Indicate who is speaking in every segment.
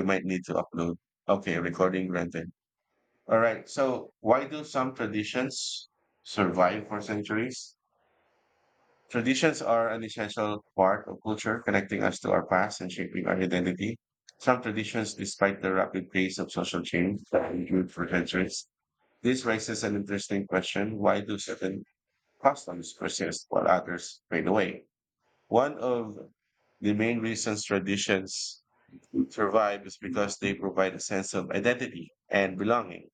Speaker 1: You might need to upload. Okay, recording granted. All right. So, why do some traditions survive for centuries? Traditions are an essential part of culture, connecting us to our past and shaping our identity. Some traditions, despite the rapid pace of social change, have endured for centuries. This raises an interesting question: why do certain customs persist while others fade away? One of the main reasons traditions survive is because they provide a sense of identity and belonging.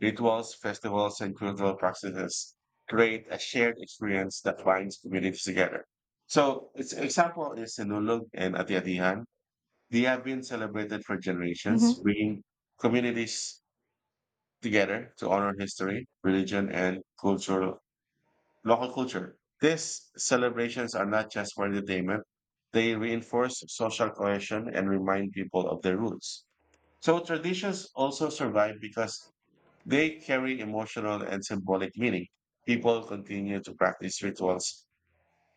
Speaker 1: Rituals, festivals, and cultural practices create a shared experience that binds communities together. So, its example is Sinulog and Atiatihan. They have been celebrated for
Speaker 2: Hmm.
Speaker 1: generations, bringing communities together to honor history, religion, and cultural local culture. These celebrations are not just for entertainment; they reinforce social cohesion and remind people of their roots. So traditions also survive because they carry emotional and symbolic meaning. People continue to practice rituals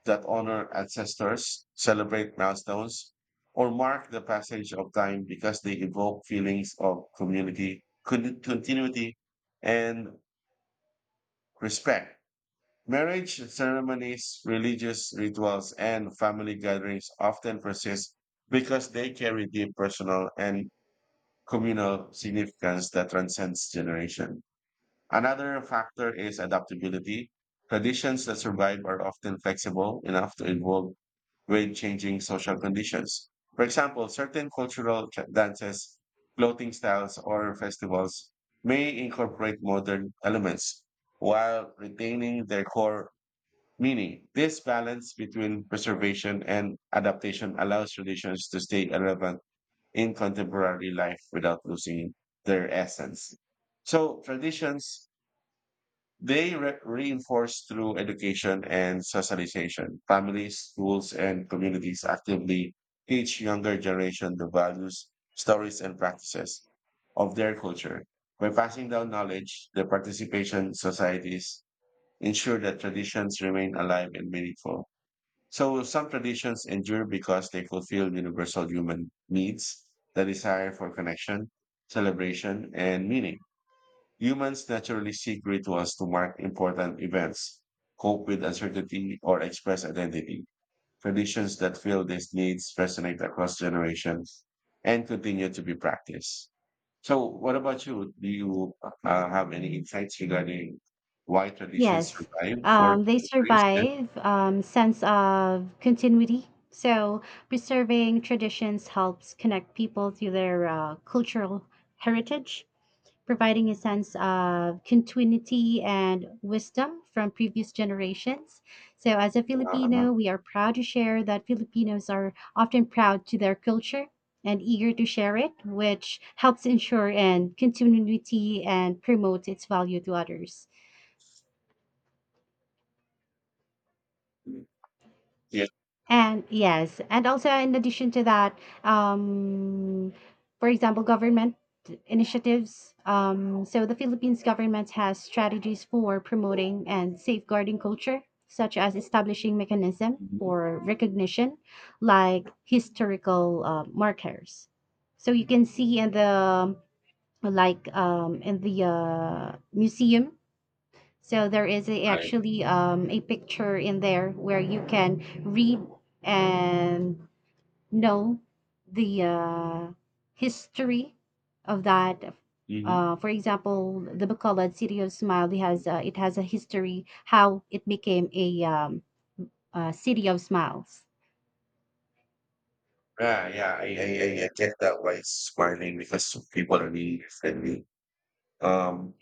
Speaker 1: that honor ancestors, celebrate milestones, or mark the passage of time because they evoke feelings of community, continuity, and respect. Marriage ceremonies, religious rituals, and family gatherings often persist because they carry deep personal and communal significance that transcends generation. Another factor is adaptability. Traditions that survive are often flexible enough to evolve with changing social conditions. For example, certain cultural dances, clothing styles, or festivals may incorporate modern elements while retaining their core meaning. This balance between preservation and adaptation allows traditions to stay relevant in contemporary life without losing their essence. So traditions, they reinforce through education and socialization. Families, schools, and communities actively teach younger generation the values, stories, and practices of their culture. By passing down knowledge, the participation societies ensure that traditions remain alive and meaningful. So some traditions endure because they fulfill universal human needs, the desire for connection, celebration, and meaning. Humans naturally seek rituals to mark important events, cope with uncertainty, or express identity. Traditions that fill these needs resonate across generations and continue to be practiced. So, what about you? Do you have any insights regarding why traditions
Speaker 2: Yes.
Speaker 1: survive for
Speaker 2: They
Speaker 1: centuries? Yes.
Speaker 2: survive, sense of continuity. So preserving traditions helps connect people to their cultural heritage, providing a sense of continuity and wisdom from previous generations. So as a
Speaker 1: Uh-huh.
Speaker 2: Filipino, we are proud to share that Filipinos are often proud to their culture and eager to share it, which helps ensure and continuity and promote its value to others.
Speaker 1: Yes.
Speaker 2: And yes, and also in addition to that, um, for example, government initiatives. So the Philippines government has strategies for promoting and safeguarding culture, such as establishing mechanism
Speaker 1: Mhm.
Speaker 2: for recognition, like historical markers. So you can see in the like in the museum, so there is a,
Speaker 1: Right.
Speaker 2: actually a picture in there where you can read and know the history of that.
Speaker 1: Mhm.
Speaker 2: For example, the Bacolod City of Smile, it has a history how it became a city of smiles.
Speaker 1: Yeah, yeah, I get that why it's smiling because some people are really friendly. Um,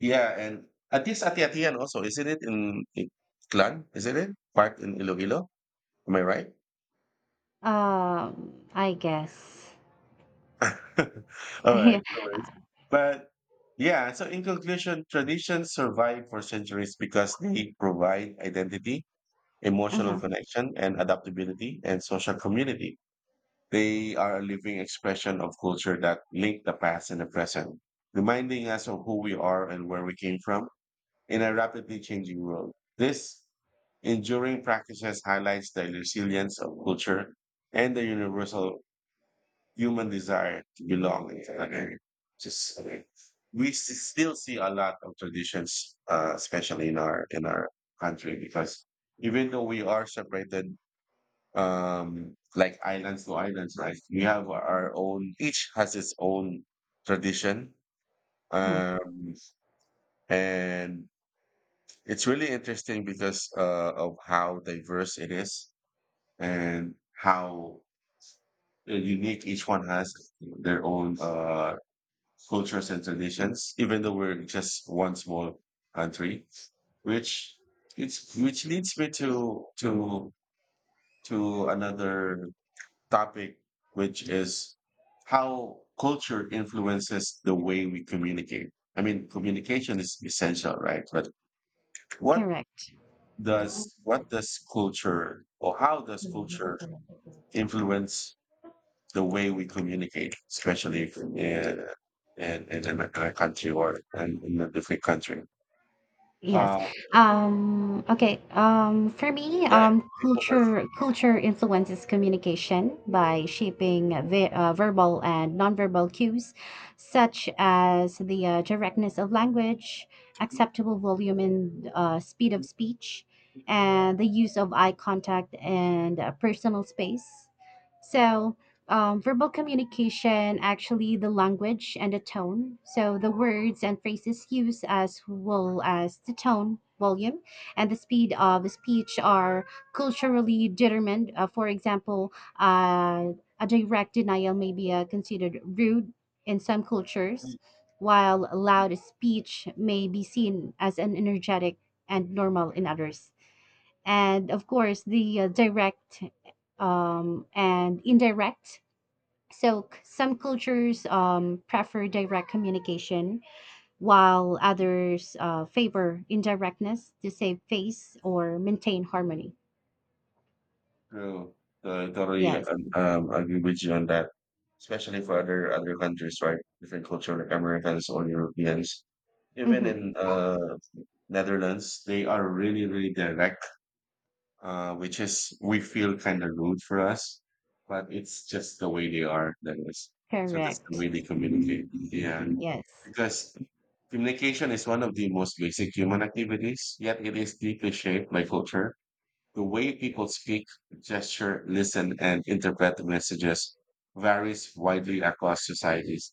Speaker 1: yeah, and at least at atian also, isn't it in Clan? Isn't it part in Iloilo? Am I right?
Speaker 2: I guess.
Speaker 1: All right,
Speaker 2: Yeah.
Speaker 1: no worries. But yeah, so in conclusion, traditions survive for centuries because they provide identity, emotional
Speaker 2: Uh-huh.
Speaker 1: connection, and adaptability and social community. They are a living expression of culture that link the past and the present, reminding us of who we are and where we came from in a rapidly changing world. This enduring practices highlights the resilience of culture and the universal human desire to belong and connect. Just we still see a lot of traditions, especially in our country, because even though we are separated, um, like islands to islands, right, we have our own, each has its own tradition,
Speaker 2: Mhm.
Speaker 1: um, and it's really interesting because of how diverse it is and how unique each one has their own, uh, cultures and traditions, even though we're just one small country, which it's which leads me to another topic, which is how culture influences the way we communicate. I mean, communication is essential, right? But what
Speaker 2: Correct.
Speaker 1: what does culture, or how does culture influence the way we communicate, especially if, in a country, or in a different country?
Speaker 2: Yes.
Speaker 1: Uh,
Speaker 2: Okay. For me,
Speaker 1: yeah, you go first.
Speaker 2: culture influences communication by shaping ve verbal and nonverbal cues, such as the directness of language, acceptable volume and speed of speech, and the use of eye contact and personal space. So, verbal communication, actually the language and the tone. So the words and phrases used, as well as the tone, volume, and the speed of the speech are culturally determined. For example, uh, a direct denial may be considered rude in some cultures, while loud speech may be seen as an energetic and normal in others. And of course, the direct and indirect, so some cultures prefer direct communication, while others favor indirectness to save face or maintain harmony.
Speaker 1: True. Totally
Speaker 2: Yes.
Speaker 1: agree with you on that, especially for other countries, right? Different culture, like Americans or Europeans. Even
Speaker 2: Mm-hmm.
Speaker 1: in, Netherlands, they are really, really direct, which is we feel kind of rude for us, but it's just the way they are. That is, so that's the way
Speaker 2: Correct.
Speaker 1: they communicate. Yeah,
Speaker 2: Yes.
Speaker 1: because communication is one of the most basic human activities, yet it is deeply shaped by culture, the way people speak, gesture, listen, and interpret the messages varies widely across societies,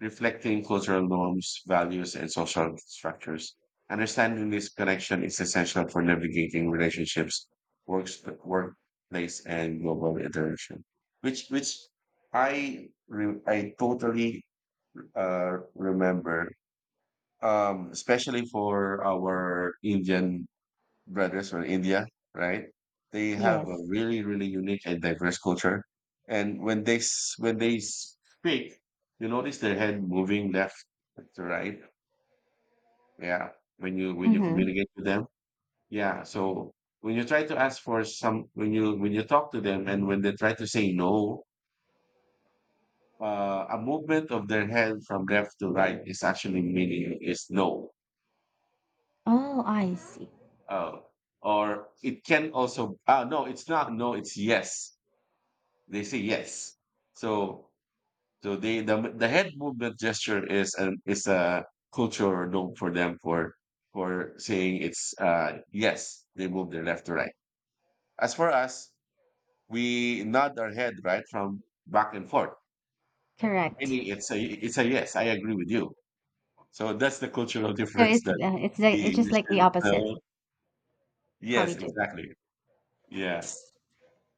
Speaker 1: reflecting cultural norms, values, and social structures. Understanding this connection is essential for navigating relationships, works, workplace, and global interaction. Which I totally, remember, especially for our Indian brothers from India, right? They have a
Speaker 2: Yes.
Speaker 1: really, really unique and diverse culture. And when they when they speak, you notice their head moving left to right. Yeah, when you
Speaker 2: Mm-hmm.
Speaker 1: communicate with them. Yeah, so when you try to ask for some, when you talk to them, and when they try to say no, a movement of their head from left to right is actually meaning is no.
Speaker 2: Oh, I see.
Speaker 1: Uh, or it can also no, it's not no, it's yes. They say yes. So so they the head movement gesture is an is a cultural norm for them, for saying it's yes, they move their left to right. As for us, we nod our head right from back and forth.
Speaker 2: Correct.
Speaker 1: Meaning it's a yes, I agree with you. So that's the cultural
Speaker 2: So
Speaker 1: difference
Speaker 2: it's
Speaker 1: that we
Speaker 2: it's just like the
Speaker 1: initially
Speaker 2: opposite
Speaker 1: so
Speaker 2: how
Speaker 1: yes,
Speaker 2: we do.
Speaker 1: exactly. Yeah.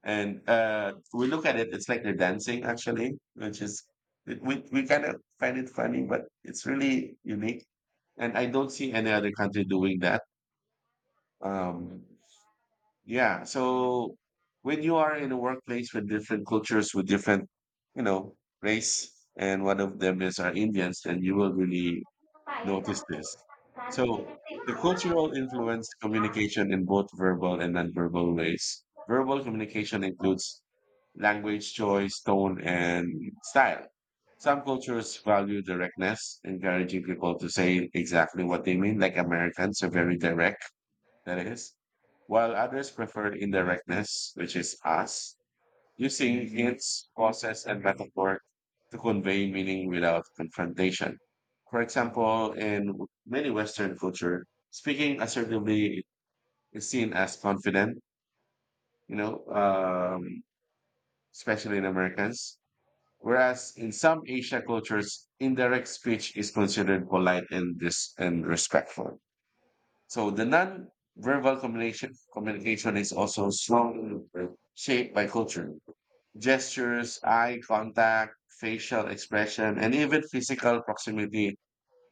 Speaker 1: And we look at it, it's like they're dancing actually, which is we kind of find it funny, but it's really unique. And I don't see any other country doing that. Um, yeah. So when you are in a workplace with different cultures, with different, you know, race, and one of them is our Indians, then you will really notice this. So the cultural influence communication in both verbal and nonverbal ways. Verbal communication includes language choice, tone, and style. Some cultures value directness, encouraging people to say exactly what they mean, like Americans are very direct, that is, while others prefer indirectness, which is us using hints, process, and metaphor to convey meaning without confrontation. For example, in many Western culture, speaking assertively is seen as confident, you know, especially in Americans. Whereas in some Asia cultures, indirect speech is considered polite and and respectful. So the non-verbal communication is also strongly shaped by culture. Gestures, eye contact, facial expression, and even physical proximity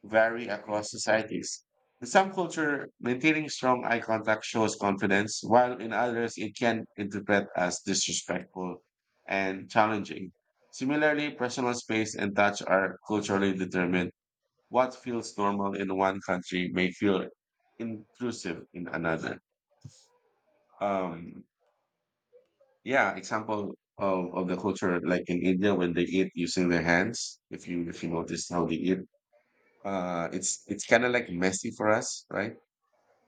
Speaker 1: vary across societies. In some culture, maintaining strong eye contact shows confidence, while in others, it can interpret as disrespectful and challenging. Similarly, personal space and touch are culturally determined. What feels normal in one country may feel intrusive in another. Um, Yeah, example of the culture like in India when they eat using their hands. If you notice how they eat, it's kind of like messy for us, right?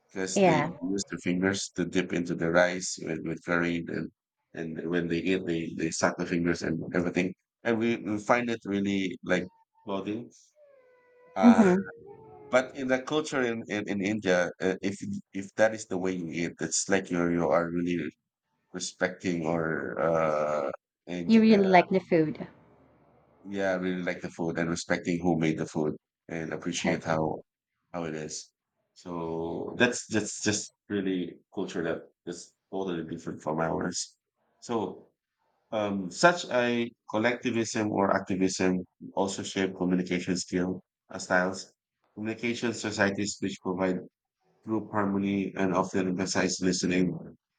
Speaker 1: Because they
Speaker 2: Yeah.
Speaker 1: use their fingers to dip into the rice with curry, and when they eat, they suck the fingers and everything, and we find it really like clothing. Uh,
Speaker 2: Mm-hmm.
Speaker 1: but in the culture in India, if that is the way you eat, it's like you are really respecting or and
Speaker 2: You really like the food.
Speaker 1: yeah, I really like the food and respecting who made the food and appreciate
Speaker 2: Correct.
Speaker 1: how it is. So that's just really culture that is totally different from ours. So such a collectivism or activism also shape communication skill, styles. Communication societies which provide group harmony and often emphasize listening,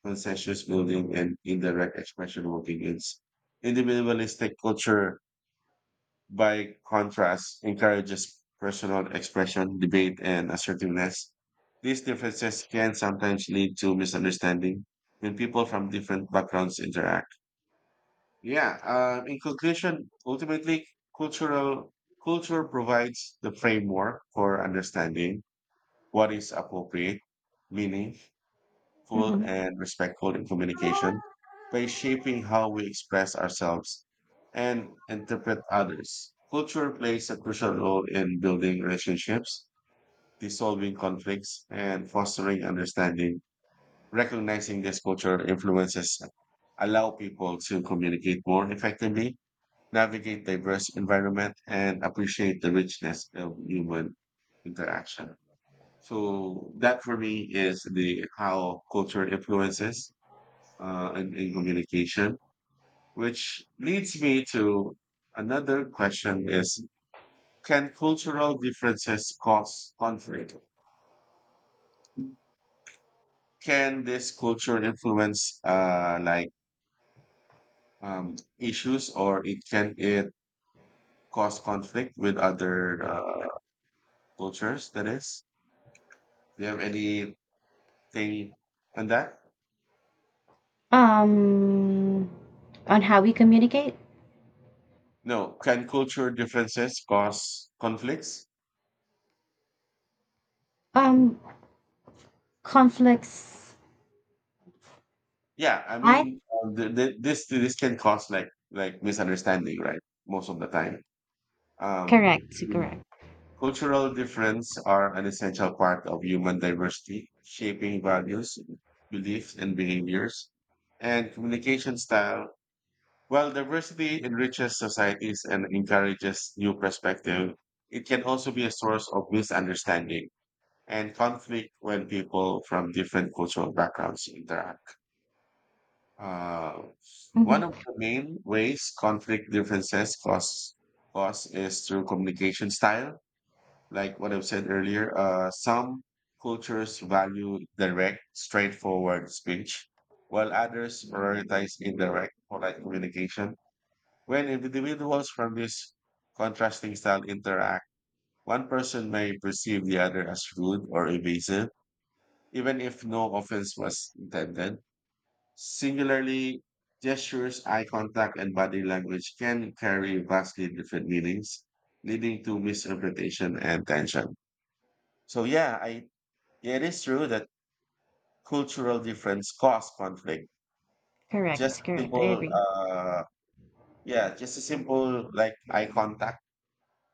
Speaker 1: consensus building, and indirect expression of opinions. Individualistic culture, by contrast, encourages personal expression, debate, and assertiveness. These differences can sometimes lead to misunderstanding when people from different backgrounds interact. Yeah, in conclusion, ultimately, cultural culture provides the framework for understanding what is appropriate, meaning, full
Speaker 2: Mm-hmm.
Speaker 1: and respectful in communication by shaping how we express ourselves and interpret others. Culture plays a crucial role in building relationships, dissolving conflicts, and fostering understanding. Recognizing this culture influences allow people to communicate more effectively, navigate diverse environment, and appreciate the richness of human interaction. So that for me is the how culture influences, in communication, which leads me to another question is, can cultural differences cause conflict? Can this culture influence, like, issues, or it can it cause conflict with other, cultures, that is? Do you have anything on that?
Speaker 2: Um, on how we communicate.
Speaker 1: No. Can culture differences cause conflicts?
Speaker 2: Um, conflicts.
Speaker 1: Yeah, I mean,
Speaker 2: I
Speaker 1: th th this can cause like misunderstanding, right? Most of the time, um,
Speaker 2: Correct, correct.
Speaker 1: cultural difference are an essential part of human diversity, shaping values, beliefs, and behaviors, and communication style. While diversity enriches societies and encourages new perspective, it can also be a source of misunderstanding and conflict when people from different cultural backgrounds interact. Uh, one of
Speaker 2: Hmm.
Speaker 1: the main ways conflict differences cause cause is through communication style. Like what I've said earlier, some cultures value direct, straightforward speech, while others prioritize indirect, polite communication. When individuals from this contrasting style interact, one person may perceive the other as rude or evasive, even if no offense was intended. Singularly, gestures, eye contact, and body language can carry vastly different meanings, leading to misinterpretation and tension. So yeah, I yeah, it is true that cultural difference cause conflict. Just
Speaker 2: Correct,
Speaker 1: a
Speaker 2: correct, I
Speaker 1: simple,
Speaker 2: agree.
Speaker 1: uh, yeah, just a simple like eye contact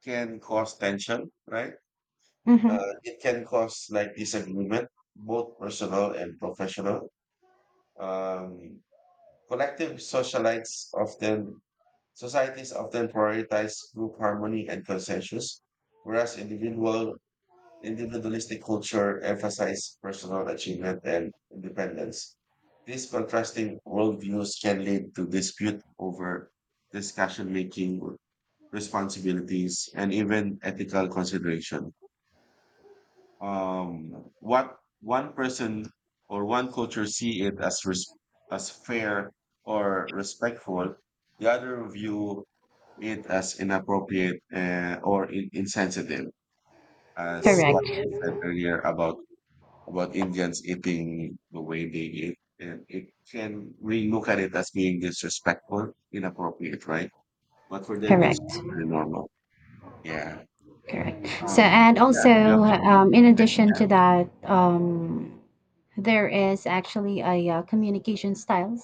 Speaker 1: can cause tension, right?
Speaker 2: Hmm.
Speaker 1: It can cause like disagreement, both personal and professional. Um, collective socialites often Societies often prioritize group harmony and consensus, whereas individualistic culture emphasize personal achievement and independence. These contrasting worldviews can lead to dispute over discussion making, responsibilities, and even ethical consideration. What one person or one culture see it as fair or respectful, the other view it as inappropriate, or insensitive, as what
Speaker 2: Correct,
Speaker 1: I said earlier about Indians eating the way they eat. And it can we look at it as being disrespectful, inappropriate, right? But for them, it's
Speaker 2: correct.
Speaker 1: very normal. Yeah.
Speaker 2: Correct, so and
Speaker 1: Yeah.
Speaker 2: also
Speaker 1: Do you have any?
Speaker 2: in addition
Speaker 1: Yeah.
Speaker 2: to that there is actually a communication styles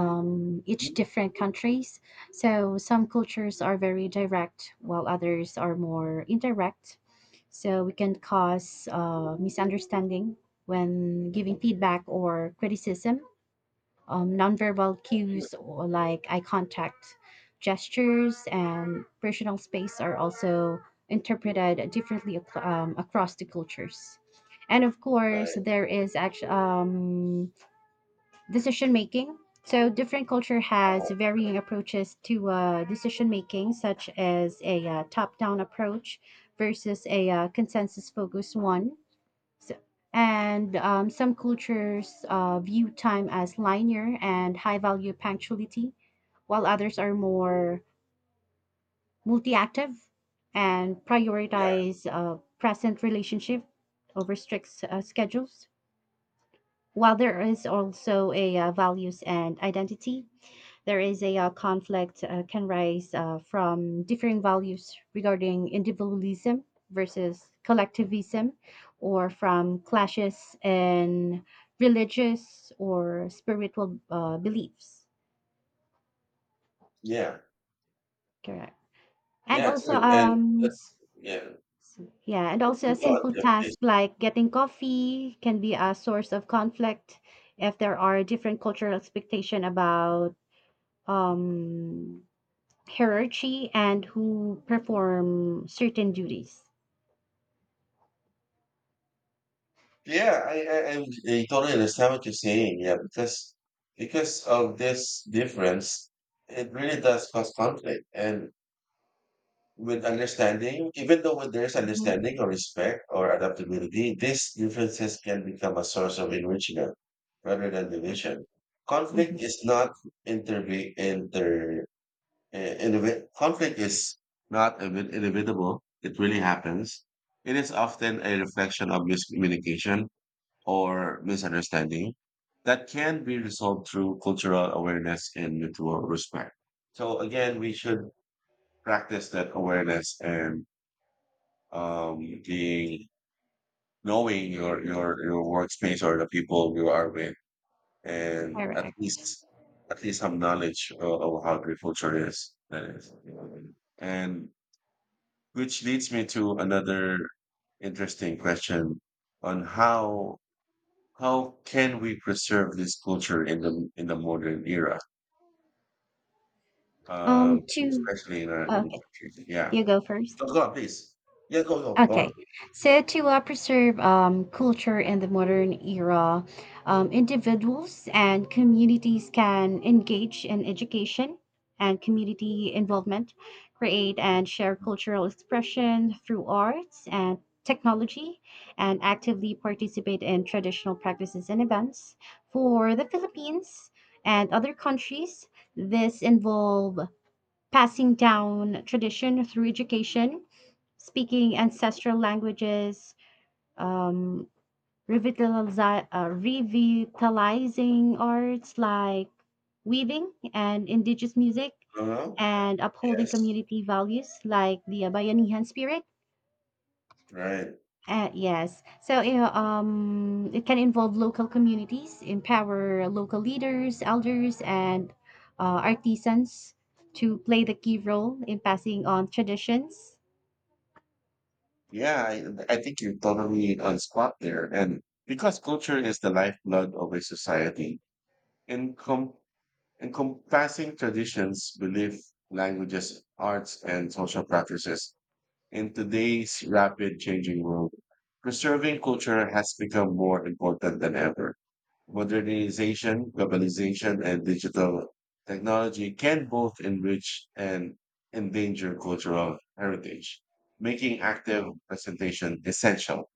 Speaker 2: each
Speaker 1: you-
Speaker 2: different countries so some cultures are very direct while others are more indirect so we can cause misunderstanding when giving feedback or criticism nonverbal
Speaker 1: you-
Speaker 2: cues or like eye contact, gestures, and personal space are also interpreted differently ac- across the cultures. And of course,
Speaker 1: Right.
Speaker 2: there is actually decision making. So different culture has
Speaker 1: Oh.
Speaker 2: varying approaches to decision making, such as a top-down approach versus a consensus-focused one so, and some cultures view time as linear and high value punctuality, while others are more multi-active and
Speaker 1: Yeah.
Speaker 2: prioritize present relationship over strict schedules. While there is also a values and identity, there is a conflict can rise from differing values regarding individualism versus collectivism or from clashes in religious or spiritual beliefs
Speaker 1: Yeah.
Speaker 2: correct and
Speaker 1: Yeah.
Speaker 2: also
Speaker 1: Too. And that's yeah.
Speaker 2: yeah, and also a
Speaker 1: It's
Speaker 2: simple
Speaker 1: yeah,
Speaker 2: task like getting coffee can be a source of conflict if there are different cultural expectation about um, hierarchy and who perform certain duties.
Speaker 1: yeah, I totally understand what you're saying. Yeah, because of this difference, it really does cause conflict. And with understanding, even though when there's
Speaker 2: Mm-hmm.
Speaker 1: understanding or respect or adaptability, these differences can become a source of enrichment rather than division. Conflict is not interve inter inevi- conflict is not evi- inevitable. It really happens. It is often a reflection of miscommunication or misunderstanding that can be resolved through cultural awareness and mutual respect. So again, we should practice that awareness and, being, knowing your workspace or the people you are with, and at
Speaker 2: Correct.
Speaker 1: least some knowledge of, how the culture is. That is, and which leads me to another interesting question on how can we preserve this culture in the modern era, um,
Speaker 2: Two.
Speaker 1: especially in a
Speaker 2: Okay,
Speaker 1: country? Yeah,
Speaker 2: you go first.
Speaker 1: go, go on, please. Yeah, go go go on.
Speaker 2: Okay, so to preserve culture in the modern era, individuals and communities can engage in education and community involvement, create and share cultural expression through arts and technology, and actively participate in traditional practices and events. For the Philippines and other countries, this involve passing down tradition through education, speaking ancestral languages, um, revitalizing arts like weaving and indigenous music,
Speaker 1: Uh-huh.
Speaker 2: and upholding
Speaker 1: Yes,
Speaker 2: community values like the Bayanihan spirit.
Speaker 1: right.
Speaker 2: Yes. So, you know, it can involve local communities, empower local leaders, elders, and artisans to play the key role in passing on traditions.
Speaker 1: Yeah, I think you're totally on spot there. And because culture is the lifeblood of a society, encom encompassing traditions, belief, languages, arts, and social practices. In today's rapid changing world, preserving culture has become more important than ever. Modernization, globalization, and digital technology can both enrich and endanger cultural heritage, making active presentation essential.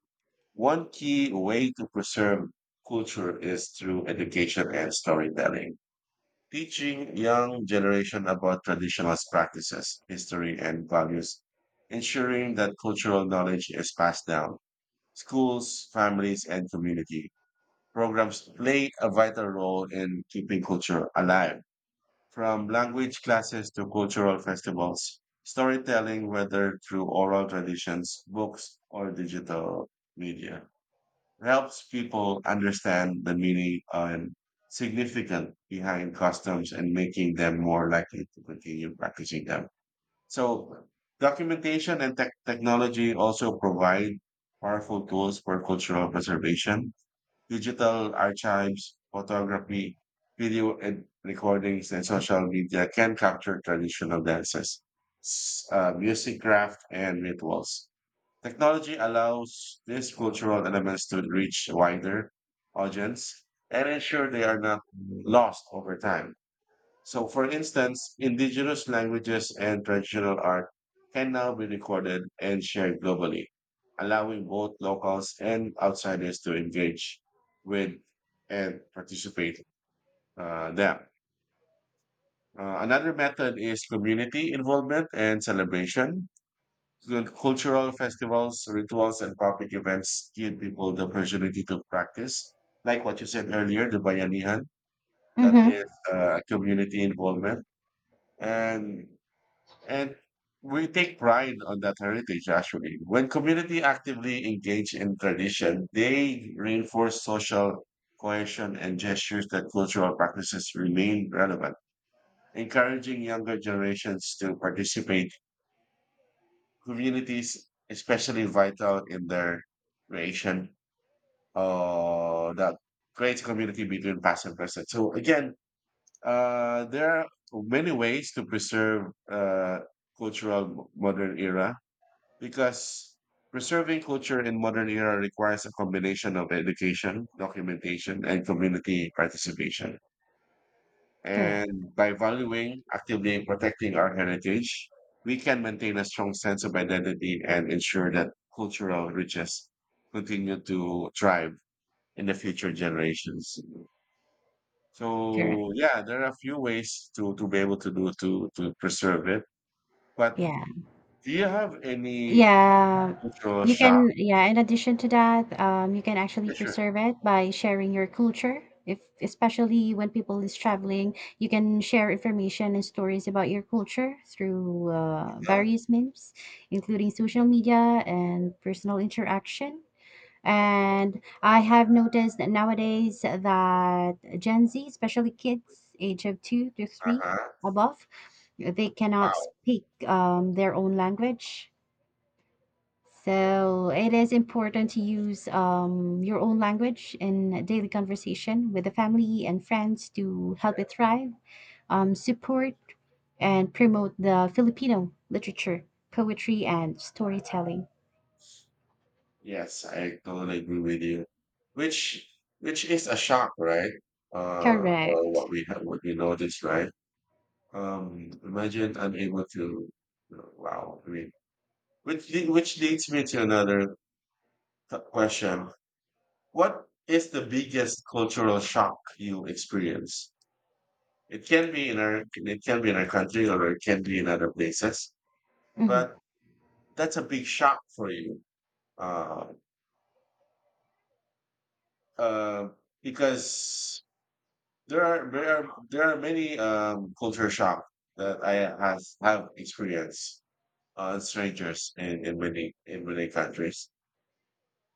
Speaker 1: One key way to preserve culture is through education and storytelling. Teaching young generation about traditional practices, history, and values, ensuring that cultural knowledge is passed down. Schools, families, and community programs play a vital role in keeping culture alive. From language classes to cultural festivals, storytelling, whether through oral traditions, books, or digital media helps people understand the meaning and significance behind customs, and making them more likely to continue practicing them. So documentation and technology also provide powerful tools for cultural preservation. Digital archives, photography, video and recordings, and social media can capture traditional dances, music craft, and rituals. Technology allows these cultural elements to reach a wider audience and ensure they are not lost over time. So, for instance, indigenous languages and traditional art can now be recorded and shared globally, allowing both locals and outsiders to engage with and participate them. Another method is community involvement and celebration, so the cultural festivals, rituals, and public events give people the opportunity to practice. Like what you said earlier, the Bayanihan, that
Speaker 2: Mm-hmm.
Speaker 1: is community involvement. And, and we take pride on that heritage, actually. When community actively engage in tradition, they reinforce social cohesion and gestures that cultural practices remain relevant, encouraging younger generations to participate. Communities especially vital in their creation, that creates community between past and present. So again, there are many ways to preserve, cultural modern era, because preserving culture in modern era requires a combination of education, documentation, and community participation,
Speaker 2: Correct.
Speaker 1: and by valuing, actively protecting our heritage, we can maintain a strong sense of identity and ensure that cultural riches continue to thrive in the future generations.
Speaker 2: Correct.
Speaker 1: So yeah, there are a few ways to be able to do to preserve it. But
Speaker 2: Yeah.
Speaker 1: do you have any
Speaker 2: Yeah,
Speaker 1: cultural
Speaker 2: you
Speaker 1: shock?
Speaker 2: can, yeah, in addition to that, you can actually
Speaker 1: Yeah, sure.
Speaker 2: preserve it by sharing your culture. If especially when people is traveling, you can share information and stories about your culture through
Speaker 1: Yeah.
Speaker 2: various means, including social media and personal interaction. And I have noticed that nowadays that Gen Z, especially kids age of two to three
Speaker 1: Uh-huh.
Speaker 2: above, they cannot
Speaker 1: Wow.
Speaker 2: speak their own language, so it is important to use your own language in daily conversation with the family and friends to help it thrive, support, and promote the Filipino literature, poetry, and storytelling.
Speaker 1: Yes, I totally agree with you. Which which is a shock, right? Uh,
Speaker 2: Correct.
Speaker 1: what we have, what we noticed, right? Imagine I'm able to. Wow, I mean, which leads me to another question. What is the biggest cultural shock you experience? It can be in our it can be in our country, or it can be in other places, but
Speaker 2: Hmm.
Speaker 1: that's a big shock for you. Uh, uh, because there are many culture shock that I have experienced on strangers in many countries.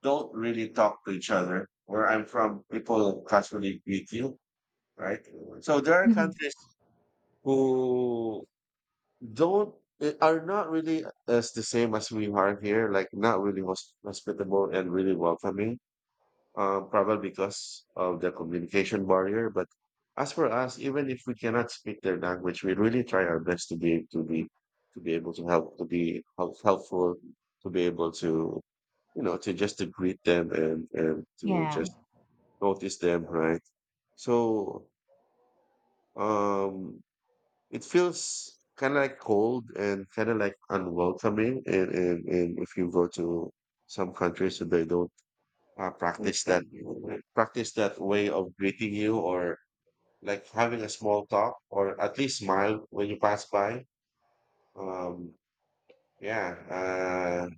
Speaker 1: Don't really talk to each other. Where I'm from, people casually greet you, right? So there are
Speaker 2: Hmm.
Speaker 1: countries who don't eh, are not really as the same as we are here, like not really hospitable and really welcoming. Probably because of the communication barrier. But as for us, even if we cannot speak their language, we really try our best to be able to help, helpful, to be able to to just to greet them, and to
Speaker 2: Yeah,
Speaker 1: just notice them, right? So, um, it feels kind of like cold and kind of like unwelcoming, and if you go to some countries and they don't, uh, practice that practice that way of greeting you, or like having a small talk or at least smile when you pass by. um yeah.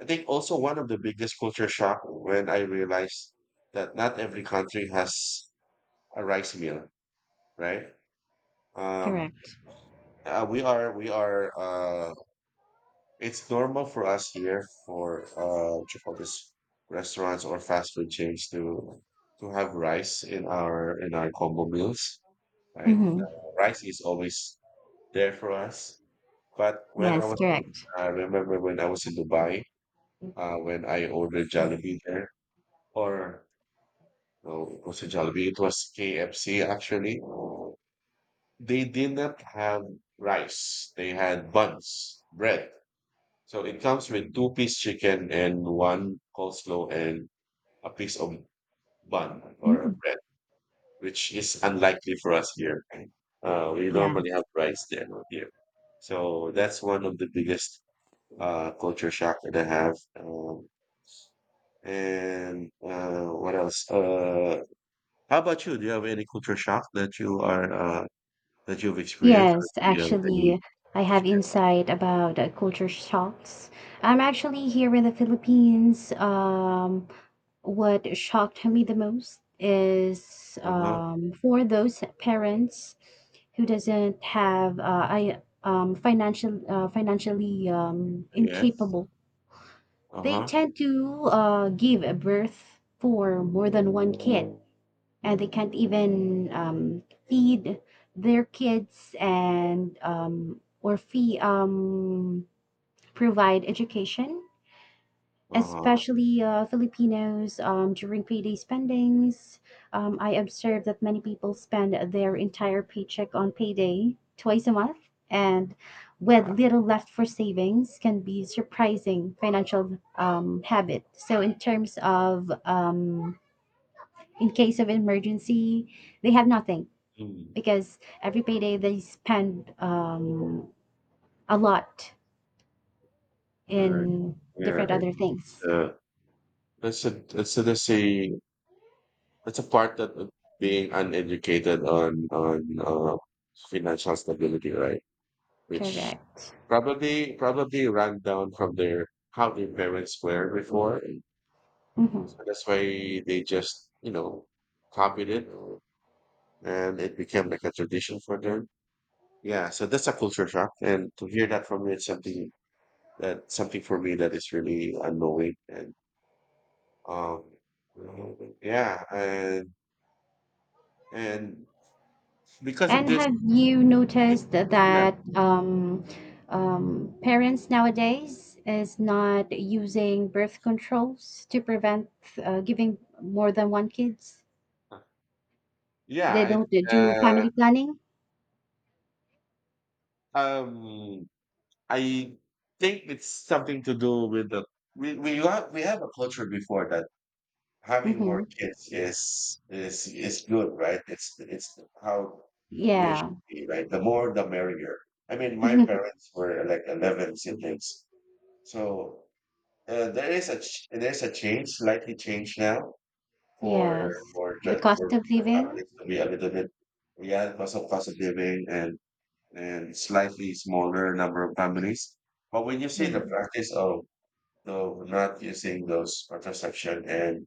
Speaker 1: I think also one of the biggest culture shock, when I realized that not every country has a rice meal, right? um
Speaker 2: correct.
Speaker 1: we are It's normal for us here for, what you call this, restaurants or fast food chains to have rice in our combo meals, right?
Speaker 2: Hmm.
Speaker 1: Rice is always there for us. But when I
Speaker 2: Yes,
Speaker 1: was in,
Speaker 2: correct.
Speaker 1: I remember when I was in Dubai, when I ordered Jollibee there, or no, it was a Jollibee. It was KFC, actually. They did not have rice. They had buns, bread. So it comes with two-piece chicken and one coleslaw and a piece of bun or a
Speaker 2: Mm.
Speaker 1: bread, which is unlikely for us here, right? We
Speaker 2: Yeah.
Speaker 1: normally have rice there, not here. So that's one of the biggest, culture shock that I have. And what else? How about you? Do you have any culture shock that you've experienced,
Speaker 2: Yes,
Speaker 1: or do you have any?
Speaker 2: actually, I have insight about culture shocks. I'm actually here in the Philippines. What shocked me the most is,
Speaker 1: Uh huh.
Speaker 2: for those parents who doesn't have I financial, financially
Speaker 1: Yes.
Speaker 2: incapable.
Speaker 1: Uh
Speaker 2: They
Speaker 1: huh.
Speaker 2: tend to give a birth for more than one kid, and they can't even feed their kids and or fee provide education,
Speaker 1: Uh huh.
Speaker 2: especially Filipinos, during payday spendings. I observed that many people spend their entire paycheck on payday twice a month, and with
Speaker 1: Wow.
Speaker 2: little left for savings, can be surprising financial habit. So, in terms of in case of emergency, they have nothing
Speaker 1: Mm.
Speaker 2: because every payday they spend a lot
Speaker 1: Right.
Speaker 2: in
Speaker 1: Yeah.
Speaker 2: different other
Speaker 1: It's
Speaker 2: things.
Speaker 1: a it's a it's a it's a it's a part, that, of being uneducated on financial stability, right? Which
Speaker 2: Correct.
Speaker 1: probably ran down from their, how their parents were before.
Speaker 2: Mhm.
Speaker 1: So that's why they just copied it and it became like a tradition for them. Yeah, so that's a culture shock. And to hear that from you, it's something, that something for me, that is really annoying, and um yeah. And because of
Speaker 2: And
Speaker 1: this,
Speaker 2: have you
Speaker 1: it,
Speaker 2: noticed
Speaker 1: yeah,
Speaker 2: that parents nowadays is not using birth controls to prevent giving more than one kids? They
Speaker 1: yeah,
Speaker 2: don't do
Speaker 1: I,
Speaker 2: family planning.
Speaker 1: uh, um, I think it's something to do with, the we have a culture before that, having more
Speaker 2: Hmm.
Speaker 1: kids is good, right? It's how we
Speaker 2: Yeah.
Speaker 1: should be, right? The more, the merrier. I mean, my parents were like 11 siblings, so there is a change, slightly change now for
Speaker 2: Yes.
Speaker 1: for
Speaker 2: The
Speaker 1: ju-
Speaker 2: cost of
Speaker 1: for
Speaker 2: living.
Speaker 1: families to be a little bit, yeah, because of cost of living and slightly smaller number of families. But when you say
Speaker 2: Yeah.
Speaker 1: the practice of not using those contraception, and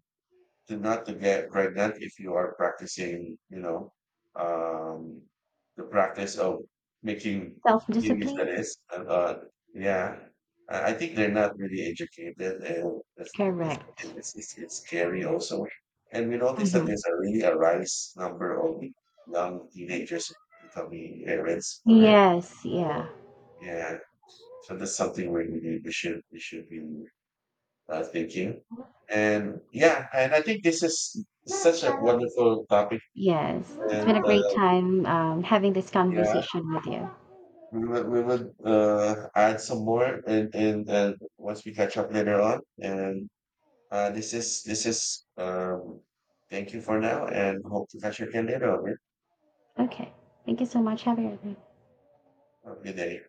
Speaker 1: to not to get pregnant, if you are practicingum, the practice of making
Speaker 2: Self
Speaker 1: babies. That
Speaker 2: discipline.
Speaker 1: is, and yeah, I think they're not really educated, and that's,
Speaker 2: Correct.
Speaker 1: it's scary also. And we notice that
Speaker 2: Hmm.
Speaker 1: there's a really a rise number of young teenagers becoming parents already.
Speaker 2: Yes. Yeah.
Speaker 1: Yeah, so that's something we should be, thinking. And yeah, and I think this is such a wonderful topic.
Speaker 2: Yes. It's been
Speaker 1: And
Speaker 2: a great time having this
Speaker 1: yeah,
Speaker 2: conversation with you.
Speaker 1: we will, add some more, and once we catch up later on. And this is thank you for now, and hope to catch you again later. On.
Speaker 2: Okay. Thank you so much. Have a good day.
Speaker 1: Have a good day.